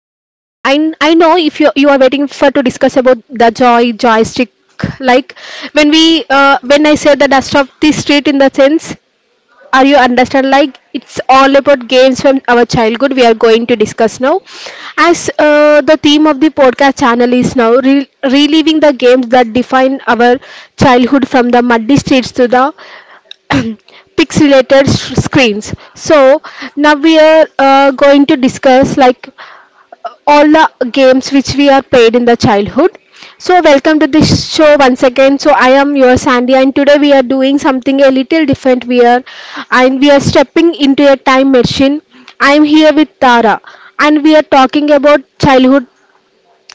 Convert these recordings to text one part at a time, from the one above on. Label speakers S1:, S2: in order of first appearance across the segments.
S1: I know if you are waiting for to discuss about the joystick, like when we when I say the dust of the street in the sense, are you understand like it's all about games from our childhood we are going to discuss now, as the theme of the podcast channel is now reliving the games that define our childhood, from the muddy streets to the pixelated screens. So now we are going to discuss like all the games which we are played in the childhood. So welcome to this show once again. So I am your Sandy, and today we are doing something a little different. We are stepping into a time machine. I am here with Tara, and we are talking about childhood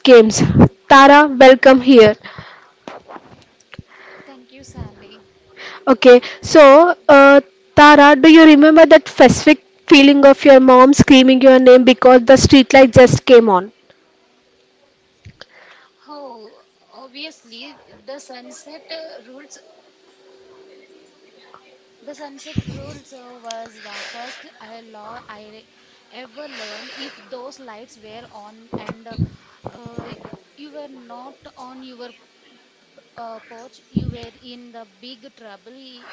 S1: games. Tara, welcome here.
S2: Thank you, Sandy.
S1: Okay,
S2: It's my
S1: so
S2: pleasure.
S1: Tara, do you remember that specific feeling of your mom screaming your name because the street light just came on?
S2: Oh, obviously, the sunset rules. The sunset rules was the first I law I re- ever learned. If those lights were on and uh, you were not on your porch, you were in the big trouble.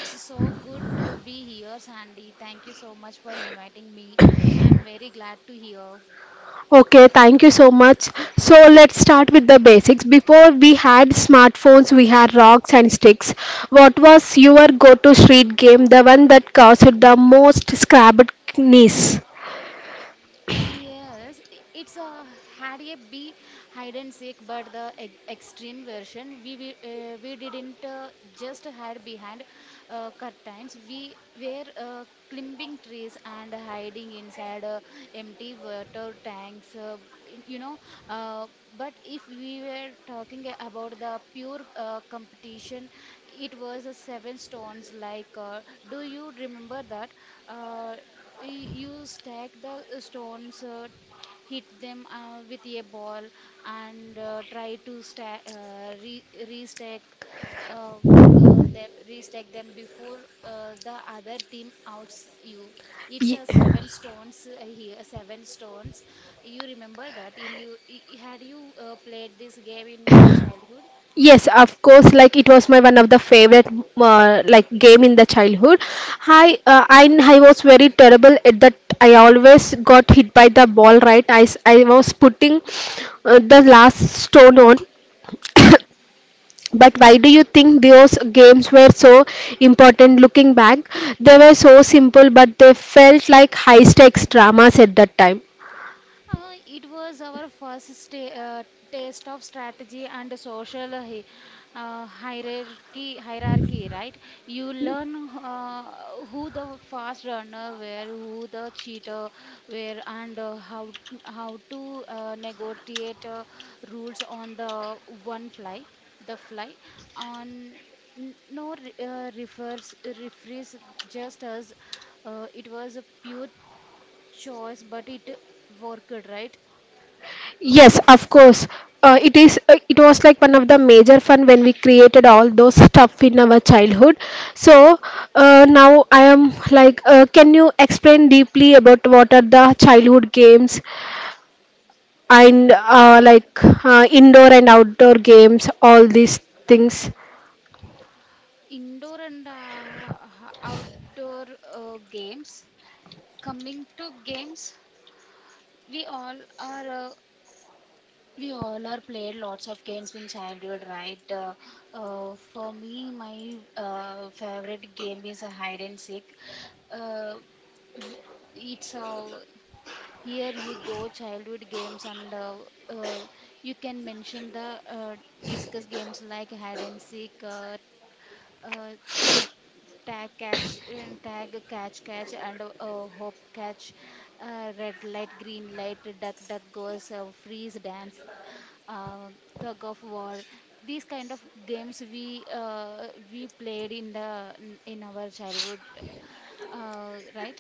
S2: It's so good to be here, Sandy. Thank you so much for inviting me. I'm very glad to hear.
S1: Okay, thank you so much. So let's start with the basics. Before we had smartphones, we had rocks and sticks. What was your go to street game, the one that caused the most scrabbed knees?
S2: Yes, I- it's a had a be Hide and seek, but the ex extreme version we didn't just hide behind curtains. We were climbing trees and hiding inside empty water tanks. You know, uh, but if we were talking about the pure competition, it was a seven stones. Like, do you remember that? Uh, you stack the stones, hit them with a ball, and try to stack, re restack uh, restack them before the other team outs you. It's
S1: Ye-
S2: a seven stones here, seven stones. You remember that in you I- had you played this game in your childhood?
S1: Yes, of course. Like it was my one of the favorite like game in the childhood. I uh, I I was very terrible at that. I always got hit by the ball. Right, I was putting the last stone on. But why do you think those games were so important looking back? They were so simple, but they felt like high stakes dramas at that time.
S2: It was our first taste of strategy and social hierarchy, right? You learn who the fast runner were, who the cheater were, and how to negotiate rules on the one fly, the fly on. N- No re- refers Referees just as it was a pure choice, but it worked, right?
S1: Yes, of course. It is. It was like one of the major fun when we created all those stuff in our childhood. So now I am like, can you explain deeply about what are the childhood games, and like indoor and outdoor games, all these things?
S2: Indoor and outdoor games. Coming to games, we all are uh, we all are played lots of games in childhood, right? For me, my favorite game is a hide and seek. Uh, w- it's a here you go childhood games and uh, you can mention the discuss games like hide and seek uh, tag catch and hop catch red light green light duck duck goes freeze dance uh, tug of war, these kind of games we played in the in our childhood, right?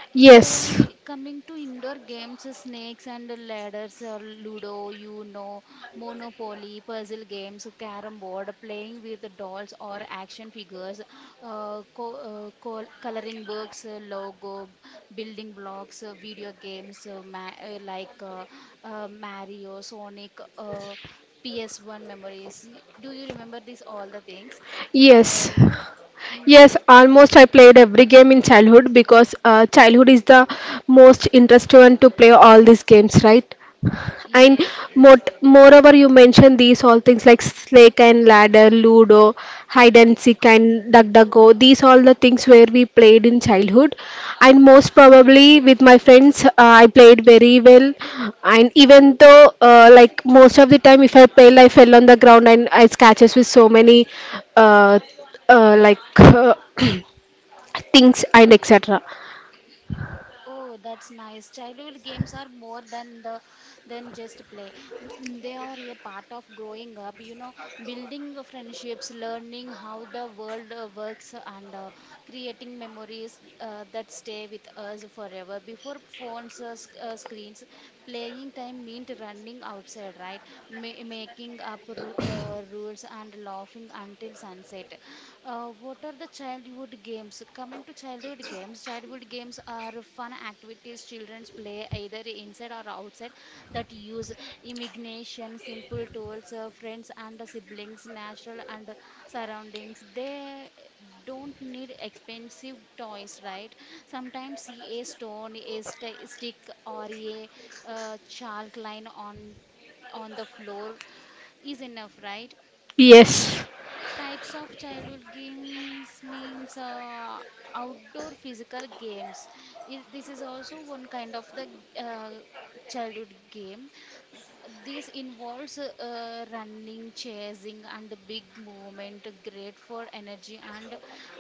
S2: Indoor,
S1: Yes.
S2: coming to indoor games, snakes and ladders, Ludo, you know, Monopoly, puzzle games, carrom board, playing with dolls or action figures, co col coloring books, logo, building blocks, video games ma like Mario, Sonic, uh, PS1 memories. Do you remember this all the things?
S1: Yes.
S2: You know? Mm,
S1: Yes, almost I played every game in childhood because childhood is the most interesting one to play all these games, right? And
S2: yes, yes.
S1: moreover, you mentioned these all things like Snake and Ladder, Ludo, Hide and Seek, and Duck Duck Go. These all the things where we played in childhood, and most probably with my friends, I played very well. And even though, like most of the time, if I played, I fell on the ground and I scratches with so many, uh, like things and etc.
S2: Oh, that's nice. Childhood games are more than the than just play. They are a part of growing up, you know, building the friendships, learning how the world works, and creating memories that stay with us forever. Before phones, screens, playing time meant running outside, right? Making up rules and laughing until sunset. What are the childhood games? Coming to childhood games are fun activities children play either inside or outside that use imagination, simple tools, friends and siblings, natural and surroundings. They don't need expensive toys, right? Sometimes a stone, a st stick, or a chalk line on the floor is enough, right?
S1: Yes.
S2: Types of childhood games means outdoor physical games. This is also one kind of the uh, childhood game. This involves running, chasing, and big movement, great for energy and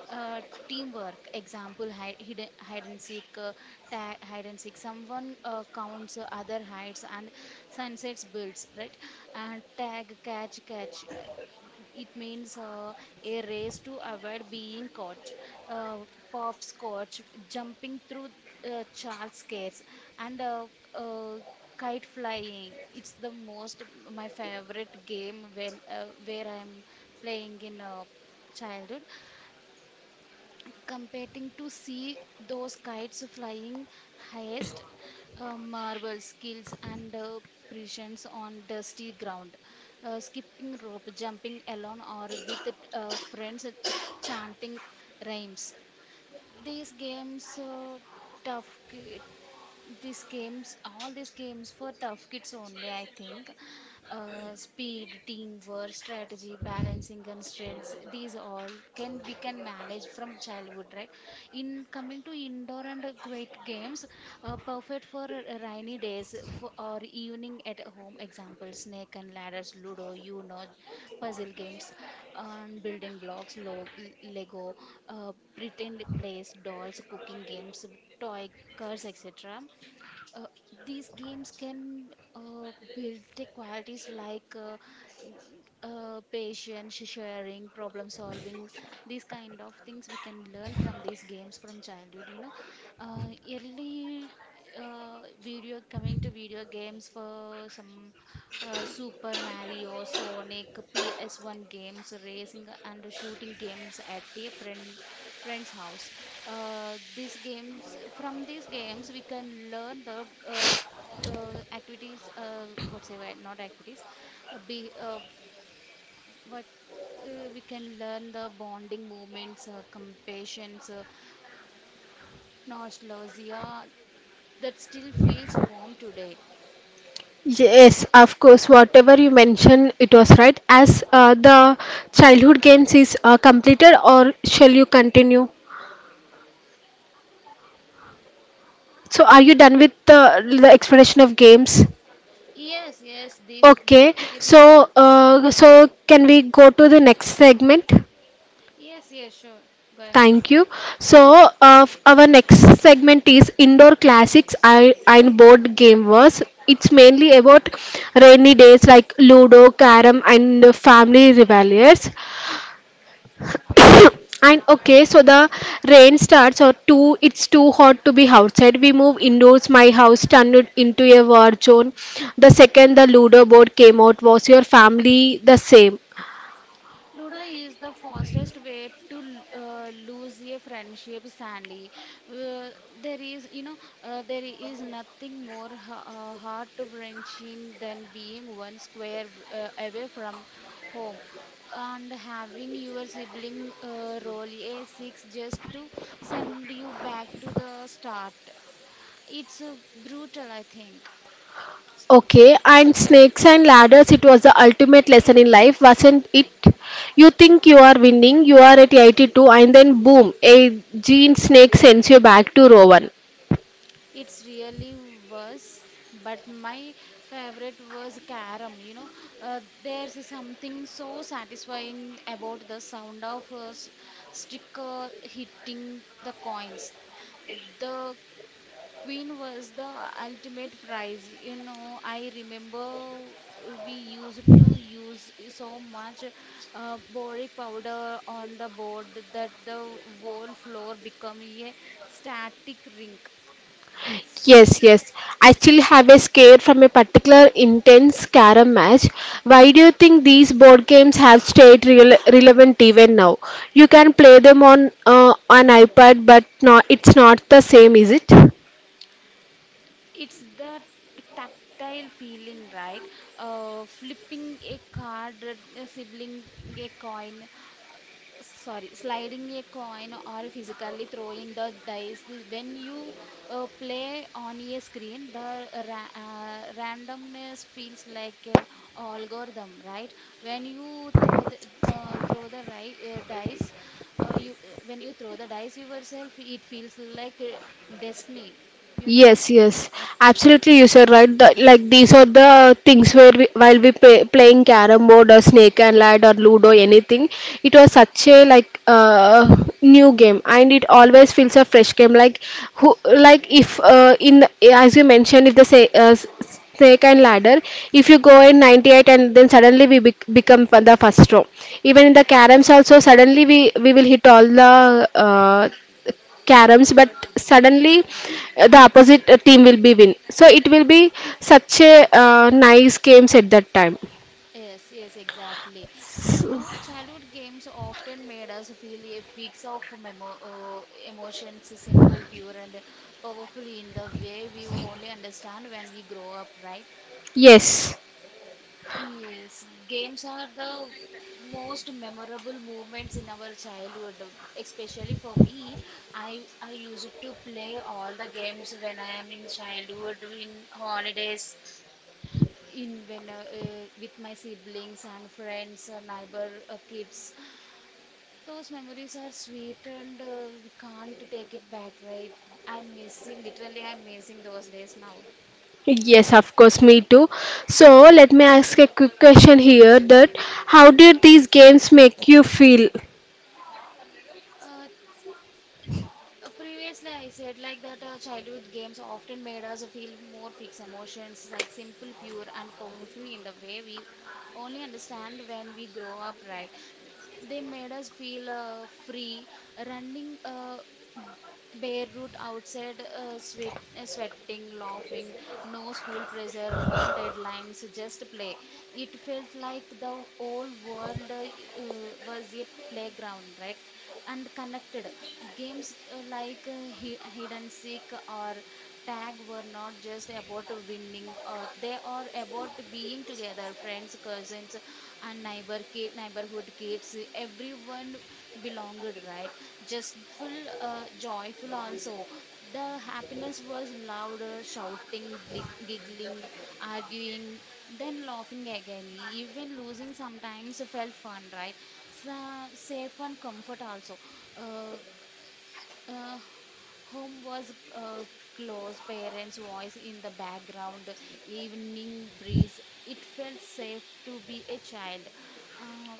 S2: uh, teamwork. Example: hide and seek, hide and seek. Someone counts other hides, and sunsets builds. Right, and tag catch it means a race to avoid being caught, uh, popscotch, jumping through charles gates, and uh, kite flying. It's the most my favorite game when where I am playing in childhood, competing to see those kites flying highest, marble skills and precisions on dusty ground, skipping rope, jumping alone or with friends, chanting rhymes. these games uh, tough these games, all these games for tough kids only, I think. Speed, teamwork, strategy, balancing constraints, these all can we can manage from childhood, right? in Coming to indoor and quiet games, perfect for rainy days for, or evening at home. Example: snake and ladders, ludo, you know, puzzle games, and building blocks, lego, pretend plays, dolls, cooking games, toy cars, etc. uh, these games can build the qualities like patience, sharing, problem solving. These kind of things we can learn from these games from childhood. You know, early video coming to video games for some, Super Mario, Sonic, PS1 games, racing and shooting games at different friend's house. These games From these games we can learn the activities. What say why- not activities? Be what We can learn the bonding moments, compassions, nostalgia that still feels warm today.
S1: Yes, of course, whatever you mentioned, it was right. As the childhood games is completed, or shall you continue? So, are you done with the explanation of games?
S2: Yes, yes. This
S1: Okay,
S2: this is the
S1: so so can we go to the next segment?
S2: Yes, yes. Sure, go ahead.
S1: Thank you. So our next segment is indoor classics I, and board game wars. It's mainly about rainy days like Ludo, Carom, and family revelries. And okay, so the rain starts or too it's too hot to be outside. We move indoors. My house turned into a war zone. The second the Ludo board came out, was your family the same?
S2: Ludo is the fastest way to lose a friendship, Sandy. Uh, there is, you know, there is nothing more heart-wrenching than being one square away from home and having your sibling roll a six just to send you back to the start. It's brutal, I think.
S1: Okay, and snakes and ladders, it was the ultimate lesson in life, wasn't it? You think you are winning, you are at 82, and then boom, a gene snake sends you back to row 1.
S2: It's really was, but my favorite was carom. You know, there's something so satisfying about the sound of a sticker hitting the coins. The queen was the ultimate prize. You know, I remember we used to use so much boric powder on the board that the whole floor became a static ring.
S1: Yes, yes. I still have a scare from a particular intense carom match. Why do you think these board games have stayed relevant even now? You can play them on an iPad, but not, it's not the same, is it?
S2: It's the tactile feeling, right? Flipping a card, sibling a coin, sorry, sliding a coin, or physically throwing the dice. When you play on a screen, the randomness feels like an algorithm, right? When you throw the dice, you when you throw the dice yourself, it feels like destiny, you know.
S1: Yes, yes, absolutely. You said right. Like these are the things where while we play, playing carrom board or snake and lad or ludo anything, it was such a like new game, and it always feels a fresh game. Like who, like if as you mentioned, if the say, snake and ladder, if you go in 98 and then suddenly we become the first row. Even in the caroms also, suddenly we will hit all the caroms but suddenly the opposite team will be win, so it will be such a nice games at that time.
S2: Yes, yes, exactly. You
S1: So,
S2: know, childhood games often made us feel a fix of memo emotions, simple, pure, and powerfully in the way we only understand when we grow up, right?
S1: yes,
S2: Yes, games are the most memorable moments in our childhood, especially for me. I used to play all the games when I am in childhood, in holidays, in when with my siblings and friends, neighbor, kids. Those memories are sweet and we can't take it back, right? I'm missing, literally, I'm missing those days now.
S1: yes of course me too. So let me ask a quick question here, that how did these games
S2: Okay.
S1: make you feel?
S2: Uh, Previously, I said like that childhood games often made us feel more fixed emotions, like simple, pure, and powerful in the way we only understand when we grow up, right? They made us feel free, running. Bare-root outside, sweating, laughing, no school pressure, no deadlines, just play. It felt like the whole world was a playground, right? And connected. Games like hide and seek or tag were not just about winning, they are about being together, friends, cousins, and neighborhood kids, everyone belonged, right? Just full, joyful also. The happiness was louder, shouting, giggling, arguing, then laughing again, even losing sometimes felt fun, right? So, safe and comfort also, uh, uh, home was close, parents' voice in the background, evening breeze. It felt safe to be a child. Uh,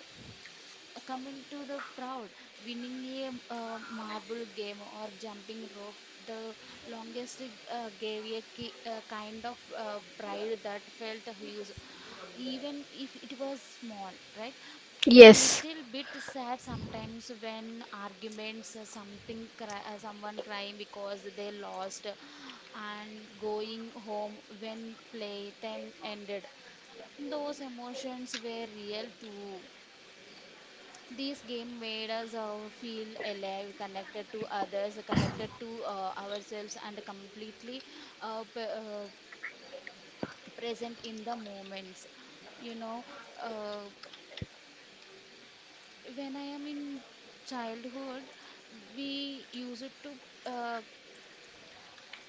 S2: Coming to the proud, winning a marble game or jumping rope the longest gave a kind of pride that felt huge even if it was small, right? A
S1: Yes,
S2: little bit sad sometimes when arguments, someone crying because they lost and going home when playtime ended, those emotions were real too. This game made us feel alive, connected to others, connected to ourselves, and completely uh, p- uh, present in the moments. You know, uh, when I am in childhood, we used to uh,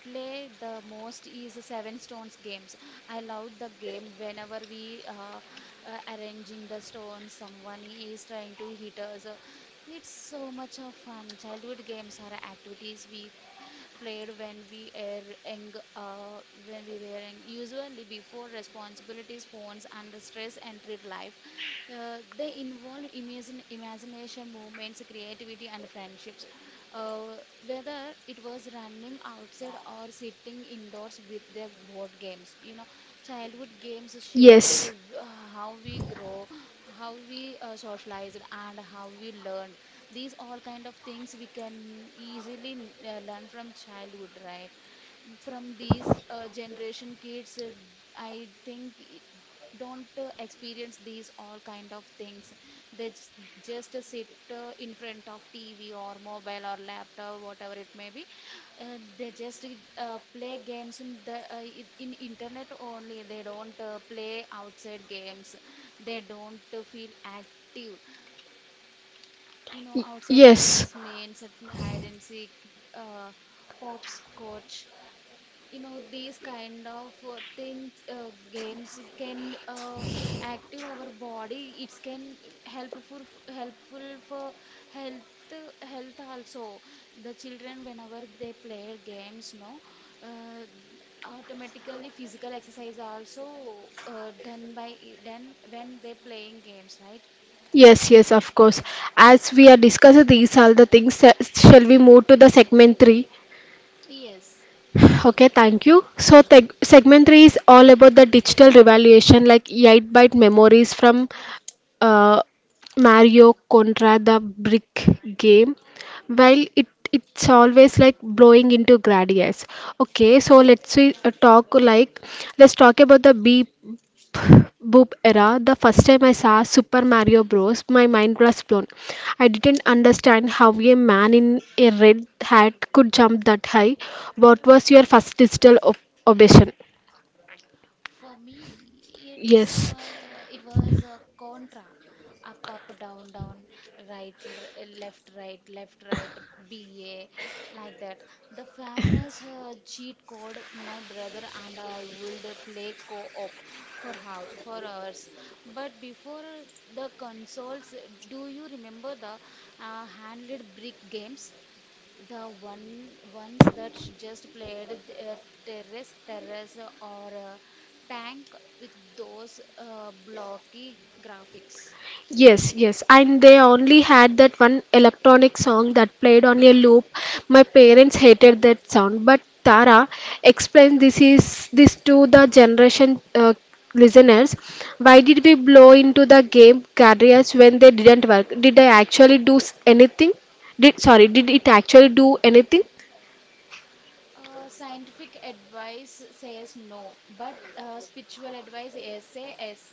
S2: play the most is Seven Stones games. I love the game whenever we arranging the stones, someone is trying to hit us. It's so much of fun. Childhood games are activities we played when we are young, when we were young, usually before responsibilities, phones and stress entered life. They involve imagination, movements, creativity and friendships. uh, Whether it was running outside or sitting indoors with their board games, childhood games shaped
S1: yes,
S2: how we grow, how we socialized and how we learned. These all kind of things we can easily learn from childhood, right? From these generation kids, i think i- don't experience these all kind of things. They just sit in front of TV or mobile or laptop, whatever it may be. They just play games in the in internet only. They don't play outside games. They don't feel active, you know.
S1: y-
S2: Outside games
S1: yes,
S2: main certain hide and seek, uh, popscotch, you know. These kind of things, games can active our body. It can helpful, helpful for health, health also. The children, whenever they play games, no, uh, automatically physical exercise also done when they playing games, right?
S1: yes, of course. As we are discussing these all the things, shall we move to the segment 3?
S2: Yes, sure.
S1: Okay, thank you. So, segment 3 is all about the digital revaluation, like 8-byte memories from uh, Mario Contra the Brick game. While it's always like blowing into gradius. Okay, so let's talk about the B Boop era. The first time I saw Super Mario Bros., my mind was blown. I didn't understand how a man in a red hat could jump that high. What was your first digital obsession?
S2: For me, it's
S1: Yes.
S2: uh, it was a contra, up up down down, left right left right, BA, like that. The famous cheat code, my brother and I would play co-op for how for hours. But before the consoles, do you remember the handled brick games? The ones that just played terrace or tank with those blocky graphics.
S1: Yes, yes, and they only had that one electronic song that played on a loop. My parents hated that sound, but Tara explained this to the generation listeners. Why did we blow into the game carriers when they didn't work? Did it actually do anything?
S2: Scientific advice says no, but spiritual advice say yes.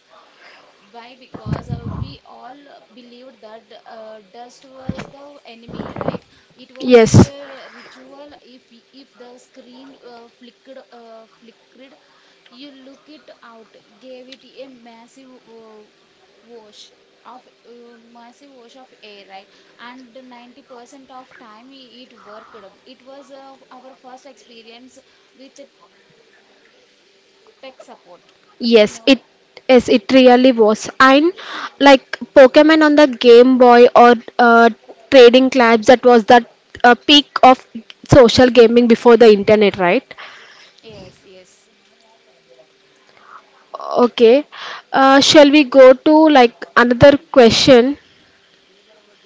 S2: Why? Because we all believed that dust was the enemy, right? It was
S1: Yes.
S2: a ritual. If the screen flickered, you look it out, gave it a wash massive wash of air, right? And 90% of it worked. It was our first experience with the tech support, you
S1: Yes,
S2: know.
S1: it yes, it really was. And like Pokemon on the Game Boy or trading clubs, that was the peak of social gaming before the internet, right?
S2: Yes, yes.
S1: Okay. Shall we go to like another question?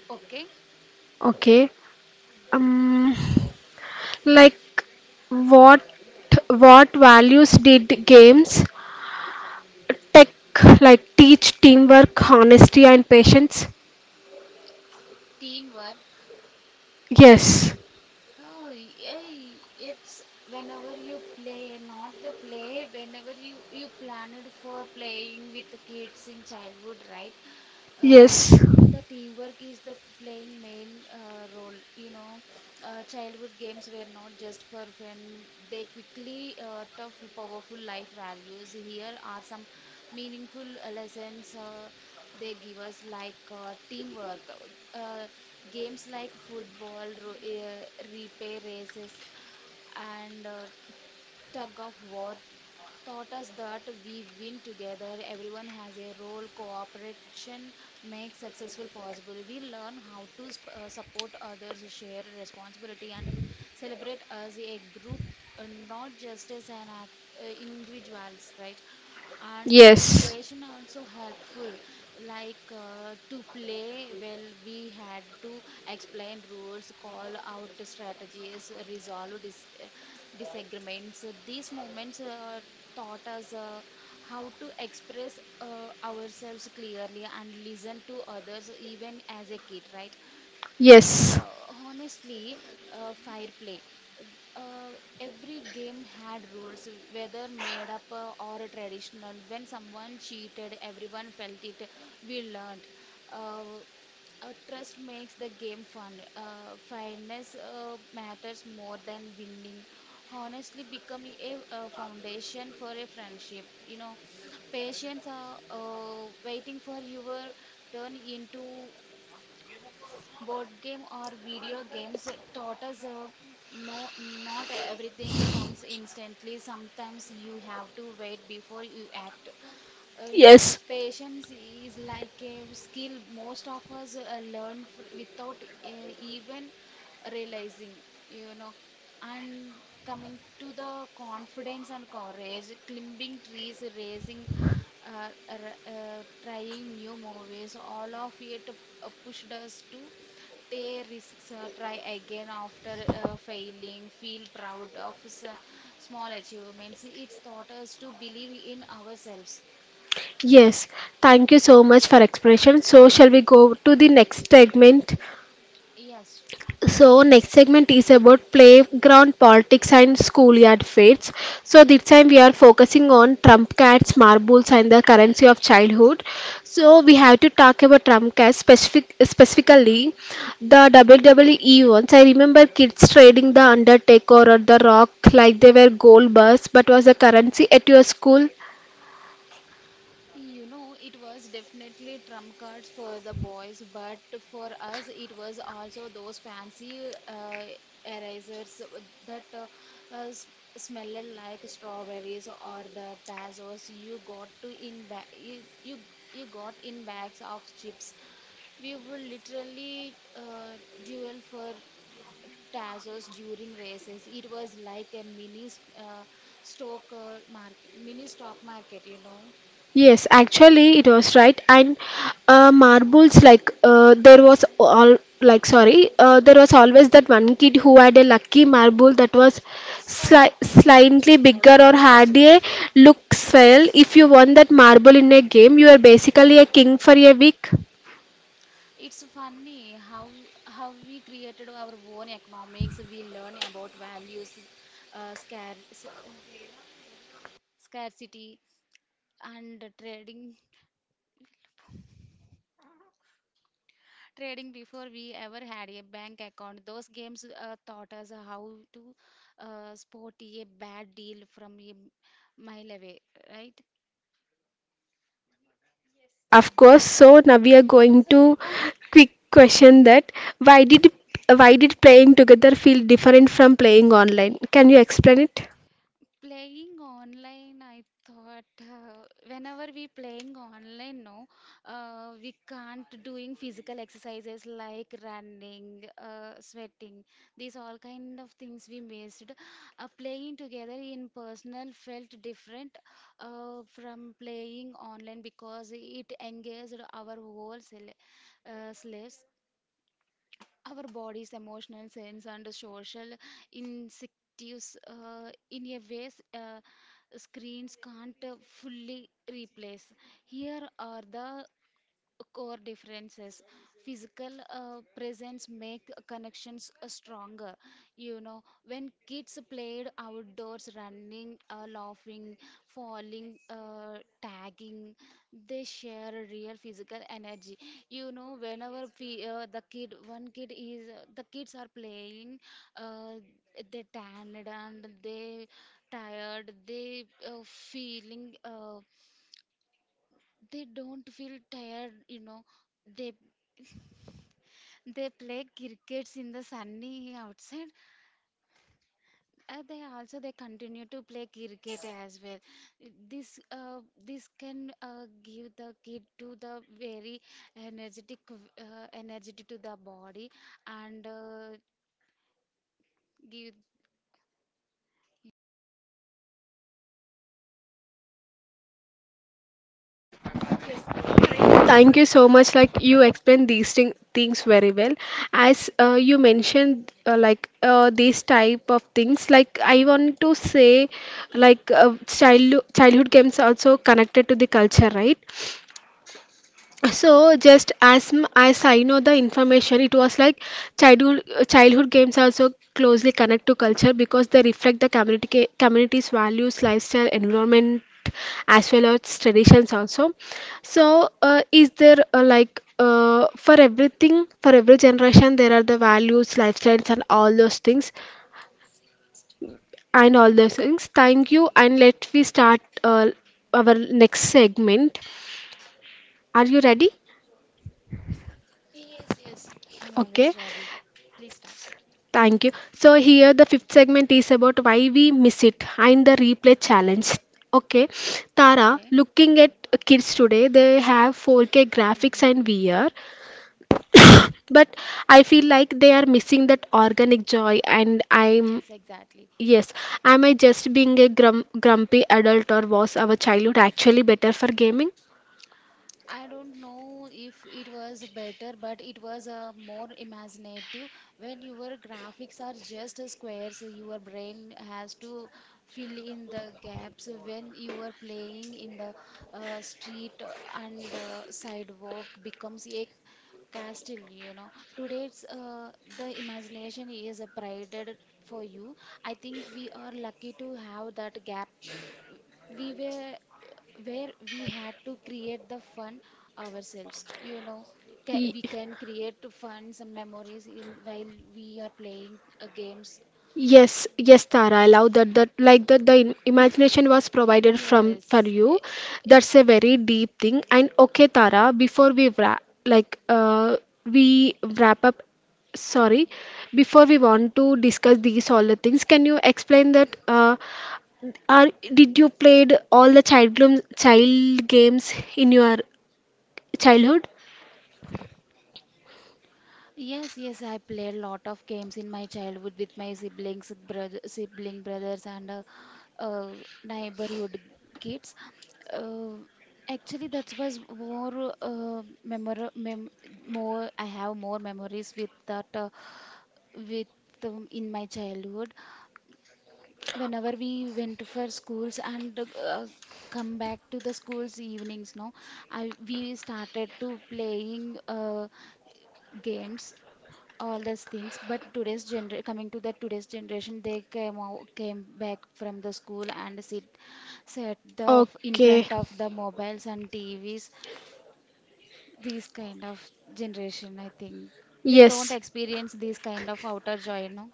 S2: Okay.
S1: Okay. Um, like what what values did games tech like teach, teamwork, honesty, and patience?
S2: Teamwork.
S1: Yes.
S2: Oh, yay. It's whenever you play, not the play, whenever you planned for playing with the kids in childhood, right? Uh,
S1: Yes.
S2: the teamwork is the playing main role. You know, childhood games were not just for fun. They quickly tough, powerful life values. Here are some meaningful lessons they give us, like teamwork. Uh, Games like football, replay races, and tug of war taught us that we win together, everyone has a role, cooperation makes successful possible. We learn how to support others, share responsibility, and celebrate as a group, not just as an act, individuals, right? And
S1: Yes.
S2: communication also helpful, like, to play well we had to explain rules, call out strategies, resolve disagreements. These moments taught us how to express ourselves clearly and listen to others, even as a kid, right?
S1: Yes.
S2: Honestly, fair play. Uh, every game had rules, whether made up or traditional. When someone cheated, everyone felt it. We learned. Uh, Trust makes the game fun. Fairness matters more than winning. Honestly, become a foundation for a friendship. You know, patience, waiting for your turn into board game or video games taught us no, not everything comes instantly. Sometimes you have to wait before you act. No,
S1: Yes.
S2: patience is like a skill most of us learn fr without even realizing. You know, and coming to the confidence and courage, climbing trees, raising, trying new movies, all of it pushed us to take risks, try again after failing, feel proud of small achievements. It's taught us to believe in ourselves.
S1: Yes, thank you so much for explanation. So, shall we go to the next segment?
S2: Yes,
S1: So, next segment is about playground politics and schoolyard fates. So, this time we are focusing on trump cards, marbles, and the currency of childhood. So, we have to talk about trump cards specifically the WWE ones. I remember kids trading the Undertaker or the Rock like they were gold bars, but was a currency at your school.
S2: you know, it was definitely trump cards for the boys, but for us, it was also those fancy erasers that uh, s- smelled like strawberries, or the tazos you got to in ba- you got in bags of chips. We would literally duel for tazos during races. It was like a uh, mini stock market, you know.
S1: Yes, actually, it was right. And marbles, like there was all, like sorry, there was always that one kid who had a lucky marble that was slightly bigger or had a look swell. If you won that marble in a game, you are basically a king for a week.
S2: It's funny how we created our own economics. We learn about values, uh, scar s- scarcity, and trading before we ever had a bank account. Those games taught us how to spot a bad deal from a mile away, right?
S1: Yes, of course. So now we are going to quick question, that why did why did playing together feel different from playing online? Can you explain it?
S2: Playing online, I thought, whenever we playing online, no, we can't doing physical exercises like running, sweating. These all kind of things we missed. Playing together in personal felt different from playing online because it engaged our whole selves. Our body's emotional sense, and social instincts, in a ways screens can't fully replace. Here are the core differences: physical presence make connections stronger, you know. When kids played outdoors, running, laughing, falling, tagging, they share a real physical energy. You know, whenever we, the kid one kid is the kids are playing, uh, they tanned and they tired, they feeling they don't feel tired, you know. they they play crickets in the sunny outside. They also they continue to play cricket as well. This uh, this can give the kid to the very energetic energy to the body and give.
S1: Thank you so much. Like you explained things very well. As you mentioned, like these type of things. Like I want to say, like childhood games also connected to the culture, right? So just as as I know the information, it was like childhood games also closely connect to culture, because they reflect the community's values, lifestyle, environment, as well as traditions also. So is there like for everything, for every generation there are the values, lifestyles and all those things thank you, and let we start our next segment. Are you ready?
S2: Yes, yes, I'm
S1: Okay.
S2: always ready. Please start.
S1: Thank you. So here the fifth segment is about why we miss it and the replay challenge. Okay, Tara,
S2: Okay.
S1: looking at kids today, they have 4K graphics
S2: Mm-hmm.
S1: and VR, but I feel like they are missing that organic joy. And
S2: Yes, exactly.
S1: yes, am I just being a grumpy adult, or was our childhood actually better for gaming?
S2: I don't know if it was better, but it was more imaginative. When your graphics are just a square, so your brain has to fill in the gaps. When you are playing in the street and sidewalk becomes a castle, you know. Today's the imagination is prided for you. I think we are lucky to have that gap. We were where we had to create the fun ourselves, you know.
S1: Ye-
S2: We can create funs and memories in while we are playing games.
S1: Yes, yes, Tara. I love that. The
S2: Bec-
S1: imagination was provided from
S2: yes
S1: for you.
S2: eh,
S1: That's a very deep thing. And okay, Tara. Before we we wrap up. Sorry, before we want to discuss these all the things, can you explain that? Or did you played all the child games in your childhood?
S2: yes, yes, I played a lot of games in my childhood with my siblings, brothers, and uh, neighborhood kids. uh, Actually, that was more memor mem more, I have more memories with that, with in my childhood. Whenever we went for schools and come back to the schools evenings, no, I we started to playing games, all those things. But today's gener coming to the today's generation, they came out, came back from the school and sit sat the in
S1: Okay.
S2: front of the mobiles and TVs. This kind of generation, I think they don't
S1: Yes.
S2: experience this kind of outer joy, no.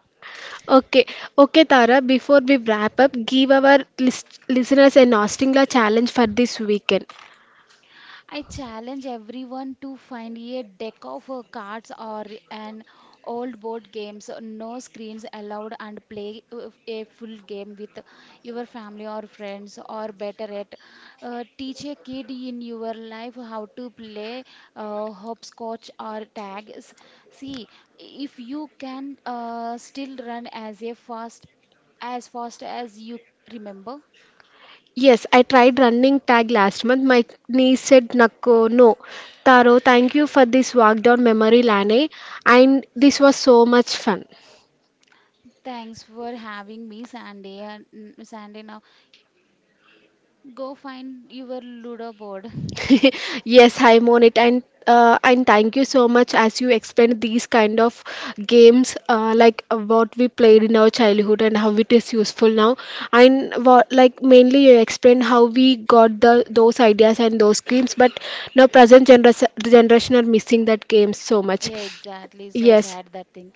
S1: Okay, okay, Tara. Before we wrap up, give our listeners a Nostringla challenge for this weekend.
S2: I challenge everyone to find a deck of cards or an old board games, no screens allowed, and play a full game with your family or friends, or better yet, teach a kid in your life how to play hopscotch or tag. See if you can still run as a fast as you remember.
S1: Yes, I tried running tag last month. My knee said Nakko, no. Taro, thank you for this walk down memory lane, and this was so much fun.
S2: Thanks for having me, Sandy. And mm, Sandy, now. Go find your Ludo board.
S1: Yes, hi Monit, and thank you so much as you explained these kind of games like what we played in our childhood, and how it is useful now. And what like mainly you explained how we got the those ideas and those games, but now present generation are missing that games so much.
S2: Yeah, exactly. So
S1: Yes,
S2: sad that thing.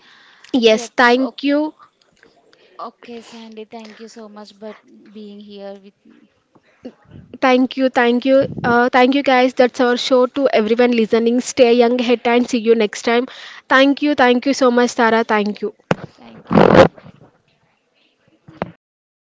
S2: Yeah,
S1: yes,
S2: o-
S1: thank you.
S2: okay, Sandy, thank you so much for being here with.
S1: Thank you, guys. That's our show to everyone listening. Stay young, hit, and see you next time. Thank you so much, Tara. Thank you.
S2: Thank you.